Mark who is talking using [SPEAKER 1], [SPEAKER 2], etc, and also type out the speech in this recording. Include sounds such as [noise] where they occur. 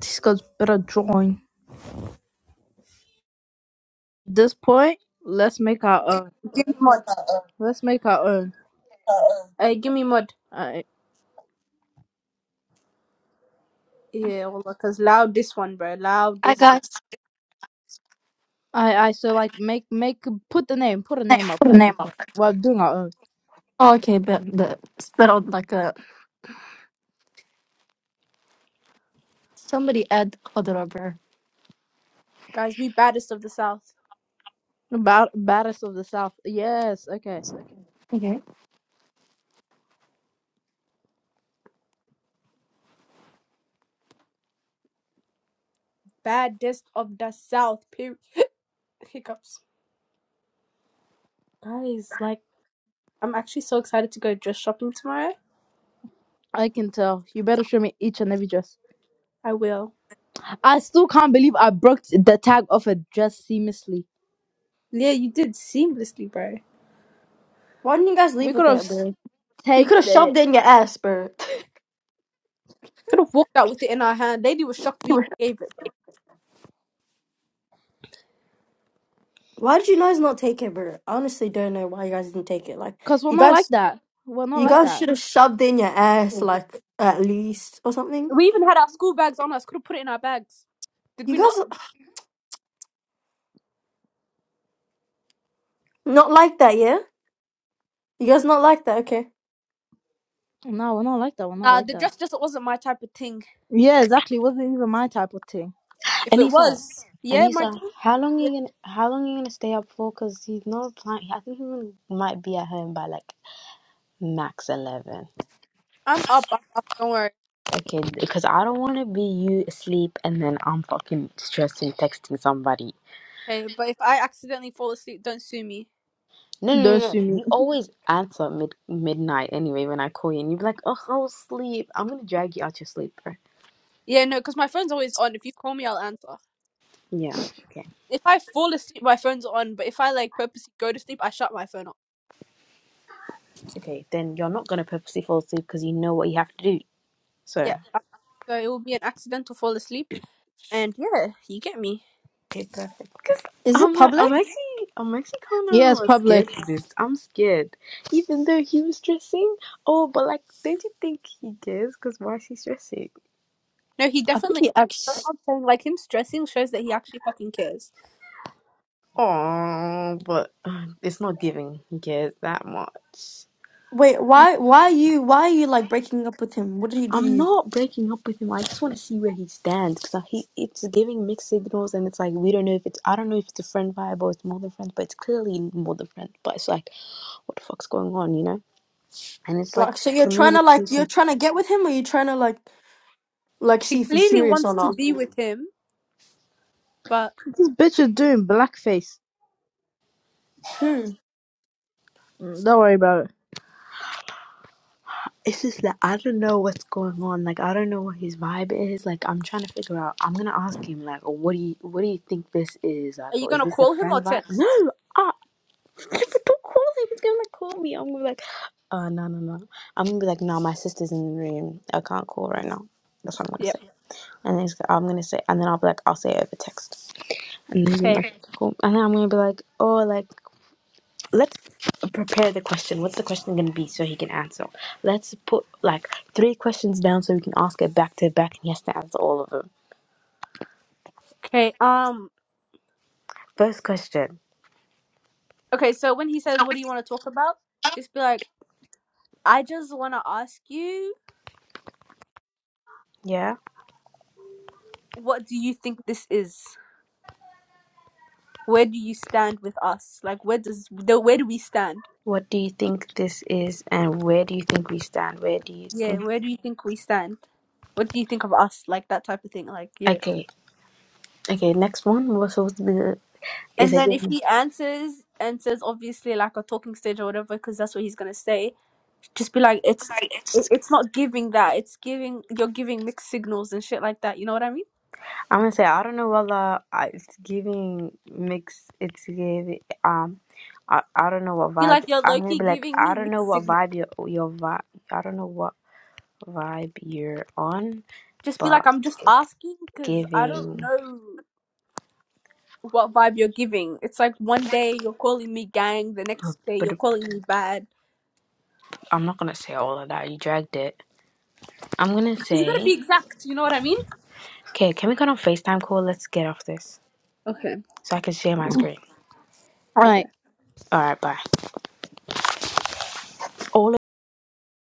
[SPEAKER 1] These guys better join. At this point, let's make our own.
[SPEAKER 2] Give me mod.
[SPEAKER 1] Let's make our own.
[SPEAKER 2] Uh, give me mod.
[SPEAKER 1] I
[SPEAKER 2] Yeah, well, because loud this one, bro. Loud
[SPEAKER 3] I
[SPEAKER 2] this one.
[SPEAKER 3] got
[SPEAKER 1] I I so
[SPEAKER 3] I
[SPEAKER 1] like make make put the name put a
[SPEAKER 3] I can
[SPEAKER 1] name up
[SPEAKER 3] the
[SPEAKER 1] at
[SPEAKER 3] name
[SPEAKER 1] this
[SPEAKER 3] of
[SPEAKER 1] point.
[SPEAKER 3] it.
[SPEAKER 1] while doing our own.
[SPEAKER 3] Oh, okay, but the spit out like a somebody add other rubber.
[SPEAKER 2] Guys, we baddest of the South.
[SPEAKER 1] About baddest of the south. Yes, okay.
[SPEAKER 3] Okay.
[SPEAKER 2] Baddest of the South. Period. Hiccups. Guys, like, I'm actually so excited to go dress shopping tomorrow.
[SPEAKER 1] I can tell. You better show me each and every dress.
[SPEAKER 2] I will.
[SPEAKER 1] I still can't believe I broke the tag off a dress seamlessly.
[SPEAKER 2] Yeah, you did seamlessly, bro.
[SPEAKER 3] Why didn't you guys
[SPEAKER 1] We
[SPEAKER 3] leave
[SPEAKER 1] could
[SPEAKER 3] with
[SPEAKER 1] have
[SPEAKER 3] that,
[SPEAKER 1] s-
[SPEAKER 3] bro? You
[SPEAKER 1] take
[SPEAKER 3] could have
[SPEAKER 1] the
[SPEAKER 3] shoved it in your ass, bro.
[SPEAKER 2] Could have walked out with it in our hand. Lady was shocked we
[SPEAKER 3] [laughs]
[SPEAKER 2] gave it.
[SPEAKER 3] Why did you guys not take it, bro? I honestly don't know why you guys didn't take it. Like,
[SPEAKER 1] because we're
[SPEAKER 3] you
[SPEAKER 1] not like
[SPEAKER 3] guys,
[SPEAKER 1] that. We're not
[SPEAKER 3] you
[SPEAKER 1] like
[SPEAKER 3] guys
[SPEAKER 1] that.
[SPEAKER 3] should have shoved it in your ass,
[SPEAKER 2] Mhm.
[SPEAKER 3] like at least or something.
[SPEAKER 2] We even had our school bags on us. Could have put it in our bags. Did
[SPEAKER 3] You
[SPEAKER 2] we
[SPEAKER 3] guys
[SPEAKER 2] not?
[SPEAKER 3] are- not like that, yeah? You guys not like that? Okay.
[SPEAKER 1] No, we're not like that. We're not
[SPEAKER 2] Nah,
[SPEAKER 1] like
[SPEAKER 2] the
[SPEAKER 1] that.
[SPEAKER 2] dress just wasn't my type of thing.
[SPEAKER 1] Yeah, exactly. It wasn't even my type of thing.
[SPEAKER 2] If it
[SPEAKER 4] Anissa,
[SPEAKER 2] was, yeah, my
[SPEAKER 4] Anissa,
[SPEAKER 2] queen.
[SPEAKER 4] how long you
[SPEAKER 2] Yeah,
[SPEAKER 4] gonna how long you gonna stay up for? Cause he's not replying. I think he will- might be at home by like max eleven.
[SPEAKER 2] I'm up. I'm up. Don't worry.
[SPEAKER 4] Okay, because I don't want to be you asleep and then I'm fucking stressing texting somebody.
[SPEAKER 2] Okay, but if I accidentally fall asleep, don't sue me.
[SPEAKER 4] No, no,
[SPEAKER 1] Don't
[SPEAKER 4] no, no.
[SPEAKER 1] sue me.
[SPEAKER 4] You always answer mid midnight anyway when I call you, and you be like, "Oh, I was asleep." I'm gonna drag you out your sleep, bro.
[SPEAKER 2] Yeah, no, because my phone's always on. If you call me, I'll answer.
[SPEAKER 4] Yeah. Okay.
[SPEAKER 2] If I fall asleep, my phone's on. But if I like purposely go to sleep, I shut my phone off.
[SPEAKER 4] Okay. Then you're not gonna purposely fall asleep because you know what you have to do. So.
[SPEAKER 2] Yeah, I- so it will be an accidental fall asleep. And yeah, you get me.
[SPEAKER 4] Okay, perfect. because
[SPEAKER 3] Is it
[SPEAKER 4] I'm like,
[SPEAKER 3] public?
[SPEAKER 4] I'm actually, I'm actually
[SPEAKER 1] Yeah,
[SPEAKER 4] kind
[SPEAKER 1] it's
[SPEAKER 4] of scared
[SPEAKER 1] public.
[SPEAKER 4] of this. I'm scared, even though he was stressing. Oh, but like, don't you think he cares? Because why is he stressing?
[SPEAKER 2] No, he
[SPEAKER 3] I think
[SPEAKER 2] definitely.
[SPEAKER 3] he
[SPEAKER 2] cares. That's what
[SPEAKER 3] acts.
[SPEAKER 2] I'm saying. Like him stressing shows that he actually fucking cares.
[SPEAKER 4] Oh, but uh, it's not giving. He cares that much.
[SPEAKER 3] Wait, why? Why are you? Why are you like breaking up with him? What did he do to
[SPEAKER 4] I'm
[SPEAKER 3] you?
[SPEAKER 4] not breaking up with him. I just want to see where he stands because he it's giving mixed signals, and it's like we don't know if it's I don't know if it's a friend vibe or it's more than friends, but it's clearly more than friends. But it's like, what the fuck's going on, you know? And it's like
[SPEAKER 3] Like, so you're trying to like
[SPEAKER 4] communication.
[SPEAKER 3] you're trying to get with him, or you're trying to like like
[SPEAKER 2] She
[SPEAKER 3] see if he's
[SPEAKER 2] clearly
[SPEAKER 3] serious or
[SPEAKER 2] wants to
[SPEAKER 3] not?
[SPEAKER 2] be with him, but
[SPEAKER 1] This bitch is doing blackface.
[SPEAKER 3] Who?
[SPEAKER 1] Mm, Don't worry about it.
[SPEAKER 4] It's just that I don't know what's going on. Like I don't know what his vibe is. Like I'm trying to figure out. I'm gonna ask him. Like, "Oh, what do you what do you think this is? Like,
[SPEAKER 2] are you
[SPEAKER 4] or is
[SPEAKER 2] gonna
[SPEAKER 4] this a
[SPEAKER 2] call him or
[SPEAKER 4] friend vibe? No,
[SPEAKER 2] text?
[SPEAKER 4] ah, [laughs] don't call him. He's gonna like call me. I'm gonna be like, uh, no, no, no. I'm gonna be like, no, my sister's in the room. I can't call right now. That's what I'm gonna
[SPEAKER 2] Yep.
[SPEAKER 4] say. And then he's, I'm gonna say, and then I'll be like, I'll say it over text. And then he's gonna be
[SPEAKER 2] Okay.
[SPEAKER 4] like, cool. And then I'm gonna be like, oh, like let's prepare the question. What's the question going to be so he can answer? Let's put like three questions down so we can ask it back to back and he has to answer all of them.
[SPEAKER 2] Okay. Um.
[SPEAKER 4] First question,
[SPEAKER 2] Okay. So when he says, "What do you want to talk about?" Just be like, "I just want to ask you."
[SPEAKER 4] yeah?
[SPEAKER 2] what do you think this is? Where do you stand with us? Like, where does the where do we stand?
[SPEAKER 4] What do you think this is and where do you think we stand? Where do you
[SPEAKER 2] Yeah,
[SPEAKER 4] think?
[SPEAKER 2] where do you think we stand? What do you think of us? Like that type of thing. Like, yeah.
[SPEAKER 4] Okay, okay, next one. What's supposed to be the. Is
[SPEAKER 2] And
[SPEAKER 4] it
[SPEAKER 2] then if
[SPEAKER 4] giving?
[SPEAKER 2] he answers and says obviously like a talking stage or whatever, because that's what he's gonna say, just be like, it's it, it's not giving that. It's giving you're giving mixed signals and shit like that. You know what I mean?
[SPEAKER 4] I'm gonna say I don't know. Wallah, I- it's giving mixed. It's giving um, I, I don't know what
[SPEAKER 2] Be
[SPEAKER 4] vibe.
[SPEAKER 2] like you're
[SPEAKER 4] I'm
[SPEAKER 2] low
[SPEAKER 4] gonna
[SPEAKER 2] key
[SPEAKER 4] be like
[SPEAKER 2] giving
[SPEAKER 4] I
[SPEAKER 2] me
[SPEAKER 4] don't know
[SPEAKER 2] mixed
[SPEAKER 4] what
[SPEAKER 2] signals.
[SPEAKER 4] vibe your your vibe. I don't know what. vibe you're on,
[SPEAKER 2] Just be like,
[SPEAKER 4] but
[SPEAKER 2] I'm just
[SPEAKER 4] it's
[SPEAKER 2] asking because I don't
[SPEAKER 4] giving.
[SPEAKER 2] know. what vibe you're giving. It's like one day you're calling me gang, the next day
[SPEAKER 4] But
[SPEAKER 2] you're calling me bad.
[SPEAKER 4] I'm not gonna say all of that. You dragged it. I'm gonna
[SPEAKER 2] You gotta
[SPEAKER 4] say,
[SPEAKER 2] be exact, you know what I mean?
[SPEAKER 4] okay, can we get on Facetime call? Let's get off this
[SPEAKER 2] Okay,
[SPEAKER 4] so I can share my screen.
[SPEAKER 2] okay.
[SPEAKER 1] Alright.
[SPEAKER 4] All right, bye. All.